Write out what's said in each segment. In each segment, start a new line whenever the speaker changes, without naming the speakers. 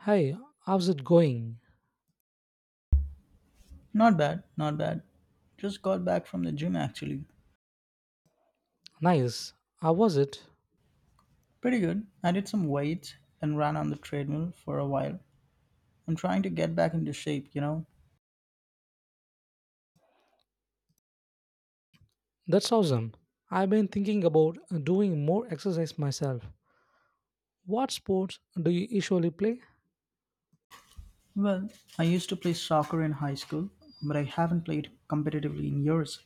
Hey, how's it going?
Not bad, not bad. Just got back from the gym actually.
Nice. How was it?
Pretty good. I did some weights and ran on the treadmill for a while. I'm trying to get back into shape.
That's awesome. I've been thinking about doing more exercise myself. What sports do you usually play?
Well, I used to play soccer in high school, but I haven't played competitively in years.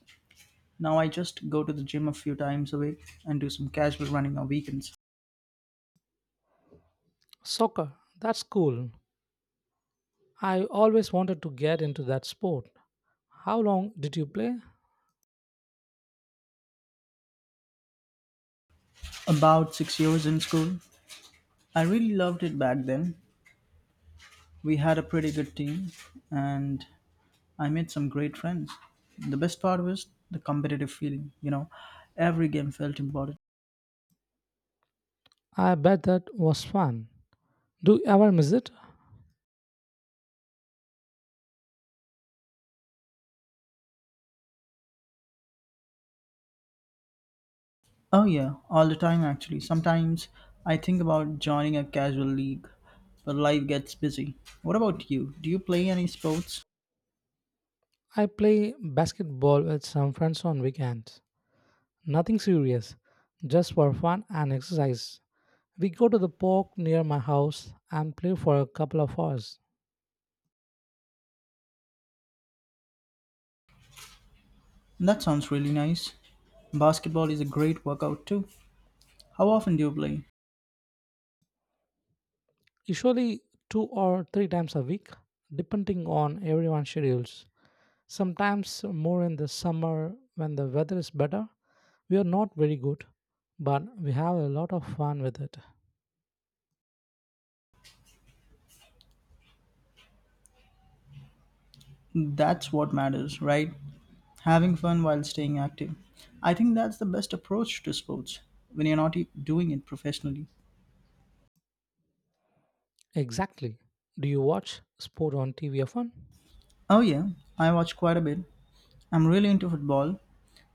Now I just go to the gym a few times a week and do some casual running on weekends.
Soccer. That's cool. I always wanted to get into that sport. How long did you play?
About 6 years in school, I really loved it back then. We had a pretty good team, and I made some great friends. The best part was the competitive feeling, you know, every game felt important.
I bet that was fun. Do you ever miss it?
Oh, yeah, all the time actually. Sometimes I think about joining a casual league, but life gets busy. What about you? Do you play any sports?
I play basketball with some friends on weekends. Nothing serious, just for fun and exercise. We go to the park near my house and play for a couple of hours,
That sounds really nice. Basketball is a great workout too. How often do you play?
usually two or three times a week, depending on everyone's schedules. Sometimes more in the summer when the weather is better. We are not very good, but we have a lot of fun with it.
That's what matters, right? Having fun while staying active. I think that's the best approach to sports when you're not doing it professionally.
Exactly. Do you watch sport on TV often?
Oh, yeah, I watch quite a bit. I'm really into football.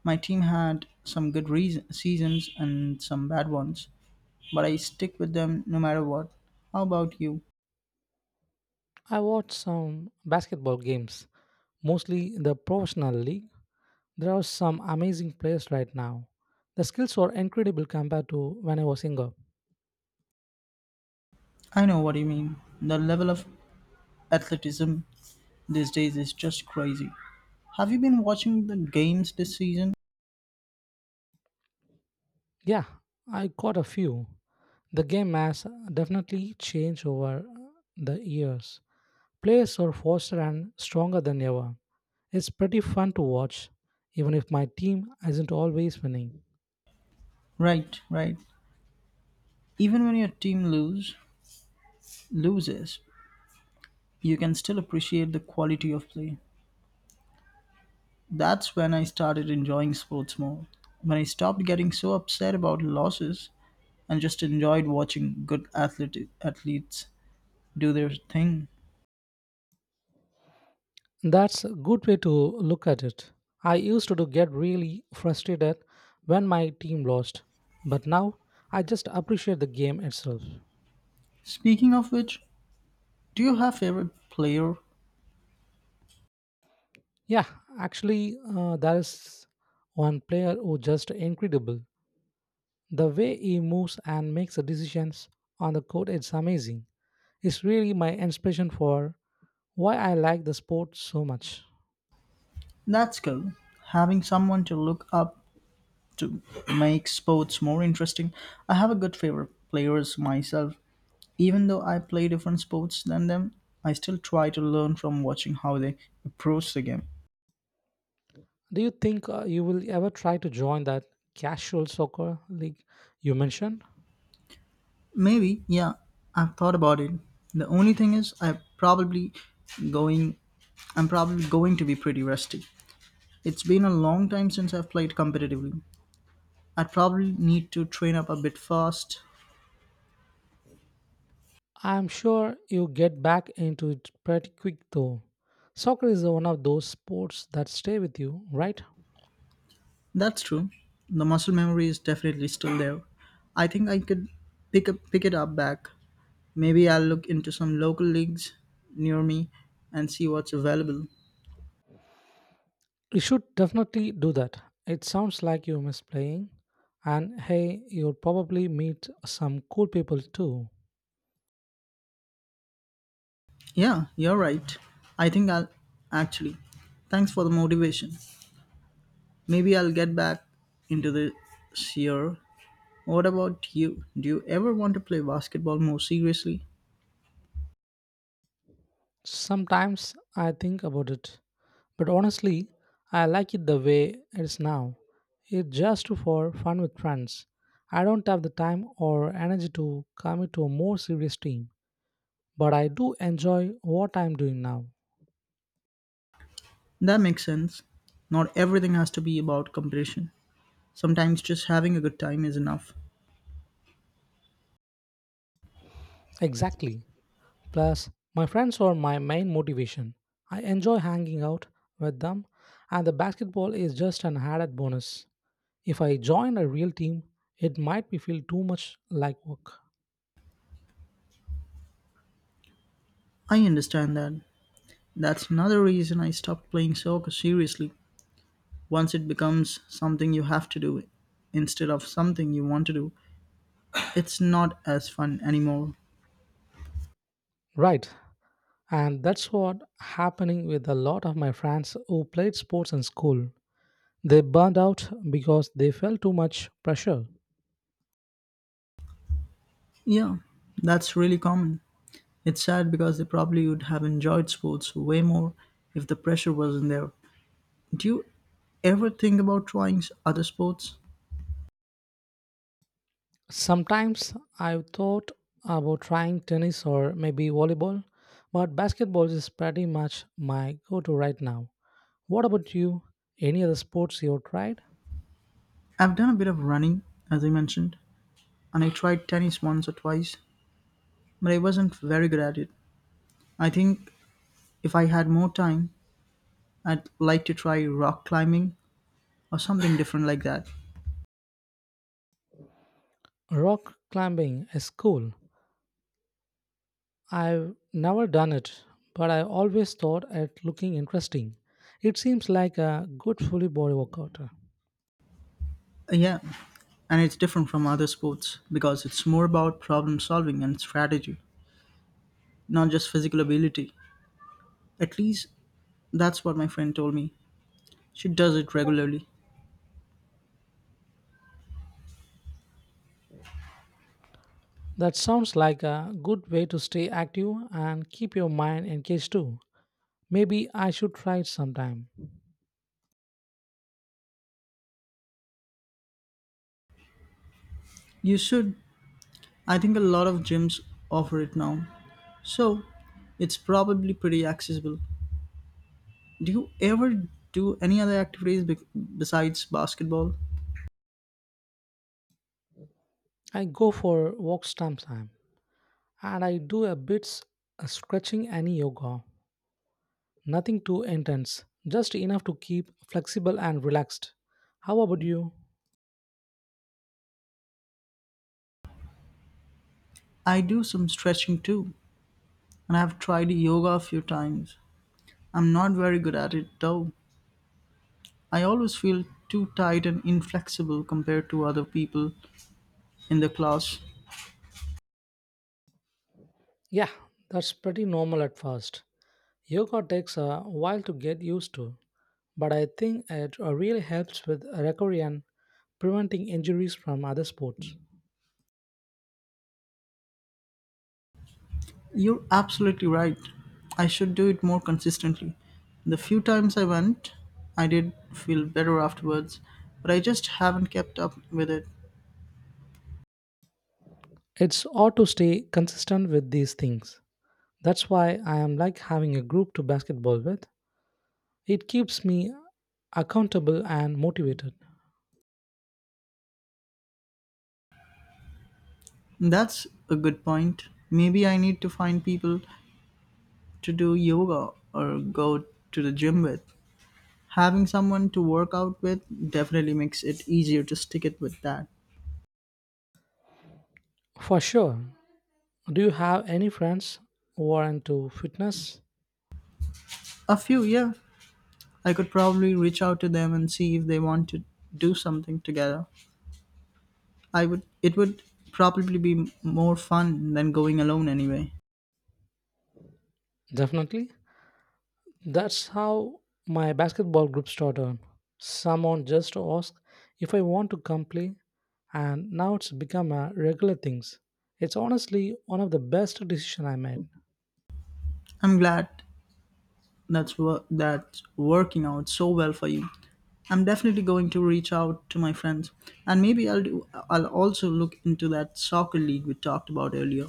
My team had some good reas seasons and some bad ones, but I stick with them no matter what. How about you?
I watch some basketball games, mostly the professional league. There are some amazing players right now. The skills are incredible compared to when I was younger.
I know what you mean. The level of athleticism these days is just crazy. Have you been watching the games this season?
Yeah, I got a few. The game has definitely changed over the years. Players are faster and stronger than ever. It's pretty fun to watch, even if my team isn't always winning.
Right, right. Even when your team loses, you can still appreciate the quality of play. That's when I started enjoying sports more. When I stopped getting so upset about losses and just enjoyed watching athletes do their thing.
That's a good way to look at it. I used to get really frustrated when my team lost, but now I just appreciate the game itself.
Speaking of which, do you have favorite player?
Yeah, actually, there is one player who just incredible. The way he moves and makes the decisions on the court is amazing. It's really my inspiration for why I like the sport so much.
That's cool. Having someone to look up to make sports more interesting. I have a good favorite players myself. Even though I play different sports than them, I still try to learn from watching how they approach the game.
Do you think you will ever try to join that casual soccer league you mentioned?
Maybe, yeah, I've thought about it. The only thing is going I'm probably going to be pretty rusty. It's been a long time since I've played competitively. I'd probably need to train up a bit fast.
I'm sure you get back into it pretty quick though. Soccer is one of those sports that stay with you, right?
That's true. The muscle memory is definitely still there. I think I could pick it up back. Maybe I'll look into some local leagues near me and see what's available.
You should definitely do that. It sounds like you miss playing. And hey, you'll probably meet some cool people too.
Yeah, you're right. I think I'll actually. Thanks for the motivation. Maybe I'll get back into this year. What about you? Do you ever want to play basketball more seriously?
Sometimes I think about it. But honestly, I like it the way it is now. It's just for fun with friends. I don't have the time or energy to commit to a more serious team. But I do enjoy what I'm doing now.
That makes sense. Not everything has to be about competition. Sometimes just having a good time is enough.
Exactly. Plus, my friends are my main motivation. I enjoy hanging out with them, and the basketball is just an added bonus. If I join a real team, it might be feel too much like work.
I understand that. That's another reason I stopped playing soccer seriously. Once it becomes something you have to do instead of something you want to do, it's not as fun anymore.
Right. And that's what happening with a lot of my friends who played sports in school. They burned out because they felt too much pressure.
Yeah, that's really common. It's sad because they probably would have enjoyed sports way more if the pressure wasn't there. Do you ever think about trying other sports?
Sometimes I've thought about trying tennis or maybe volleyball, but basketball is pretty much my go to right now. What about you? Any other sports you've tried?
I've done a bit of running, as I mentioned, and I tried tennis once or twice, but I wasn't very good at it. I think if I had more time, I'd like to try rock climbing or something different like that.
Rock climbing is cool. I've never done it, but I always thought it looking interesting. It seems like a good fully body workout.
Yeah, and it's different from other sports because it's more about problem solving and strategy, not just physical ability. At least that's what my friend told me. She does it regularly.
That sounds like a good way to stay active and keep your mind engaged too. Maybe I should try it sometime.
You should. I think a lot of gyms offer it now. So, it's probably pretty accessible. Do you ever do any other activities besides basketball?
I go for walks sometimes, and I do a bit of stretching and yoga. Nothing too intense, just enough to keep flexible and relaxed. How about you?
I do some stretching too, and I've tried yoga a few times. I'm not very good at it though. I always feel too tight and inflexible compared to other people in the class.
Yeah, that's pretty normal at first. Yoga takes a while to get used to, but I think it really helps with recovery and preventing injuries from other sports.
You're absolutely right. I should do it more consistently. The few times I went, I did feel better afterwards, but I just haven't kept up with it.
It's hard to stay consistent with these things. That's why I am like having a group to basketball with. It keeps me accountable and motivated.
That's a good point. Maybe I need to find people to do yoga or go to the gym with. Having someone to work out with definitely makes it easier to stick it with that.
For sure. Do you have any friends who are into fitness?
A few, yeah. I could probably reach out to them and see if they want to do something together. I would it would probably be more fun than going alone anyway.
Definitely. That's how my basketball group started. Someone just asked if I want to come play, and now it's become a regular thing. It's honestly one of the best decisions I made.
I'm glad that's working out so well for you. I'm definitely going to reach out to my friends and I'll also look into that soccer league we talked about earlier.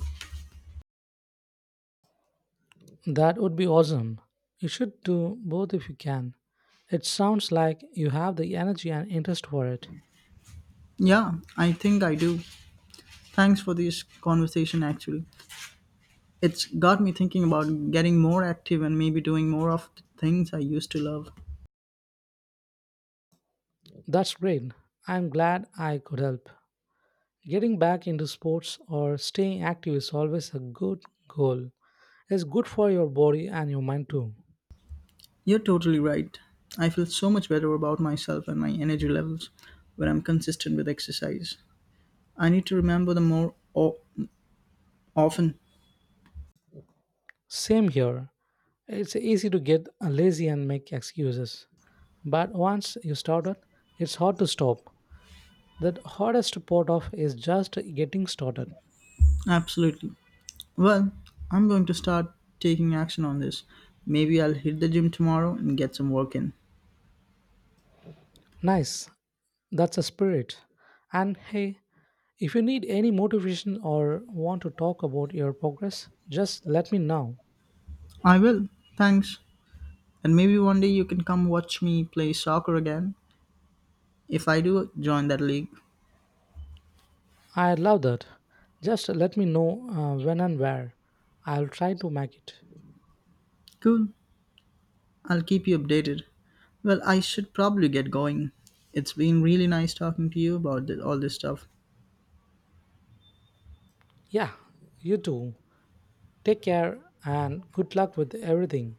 That would be awesome. You should do both if you can. It sounds like you have the energy and interest for it.
Yeah, I think I do. Thanks for this conversation actually. It's got me thinking about getting more active and maybe doing more of the things I used to love.
That's great. I'm glad I could help. Getting back into sports or staying active is always a good goal. It's good for your body and your mind too.
You're totally right. I feel so much better about myself and my energy levels when I'm consistent with exercise. I need to remember them often.
Same here. It's easy to get lazy and make excuses. But once you started, it's hard to stop. The hardest part of is just getting started.
Absolutely. Well, I'm going to start taking action on this. Maybe I'll hit the gym tomorrow and get some work in.
Nice. That's a spirit. And hey, if you need any motivation or want to talk about your progress, just let me know.
I will. Thanks. And maybe one day you can come watch me play soccer again. If I do, join that league.
I love that. Just let me know when and where. I'll try to make it.
Cool. I'll keep you updated. Well, I should probably get going. It's been really nice talking to you about all this stuff.
Yeah, you too. Take care and good luck with everything.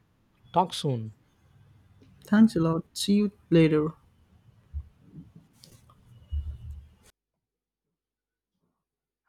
Talk soon.
Thanks a lot. See you later.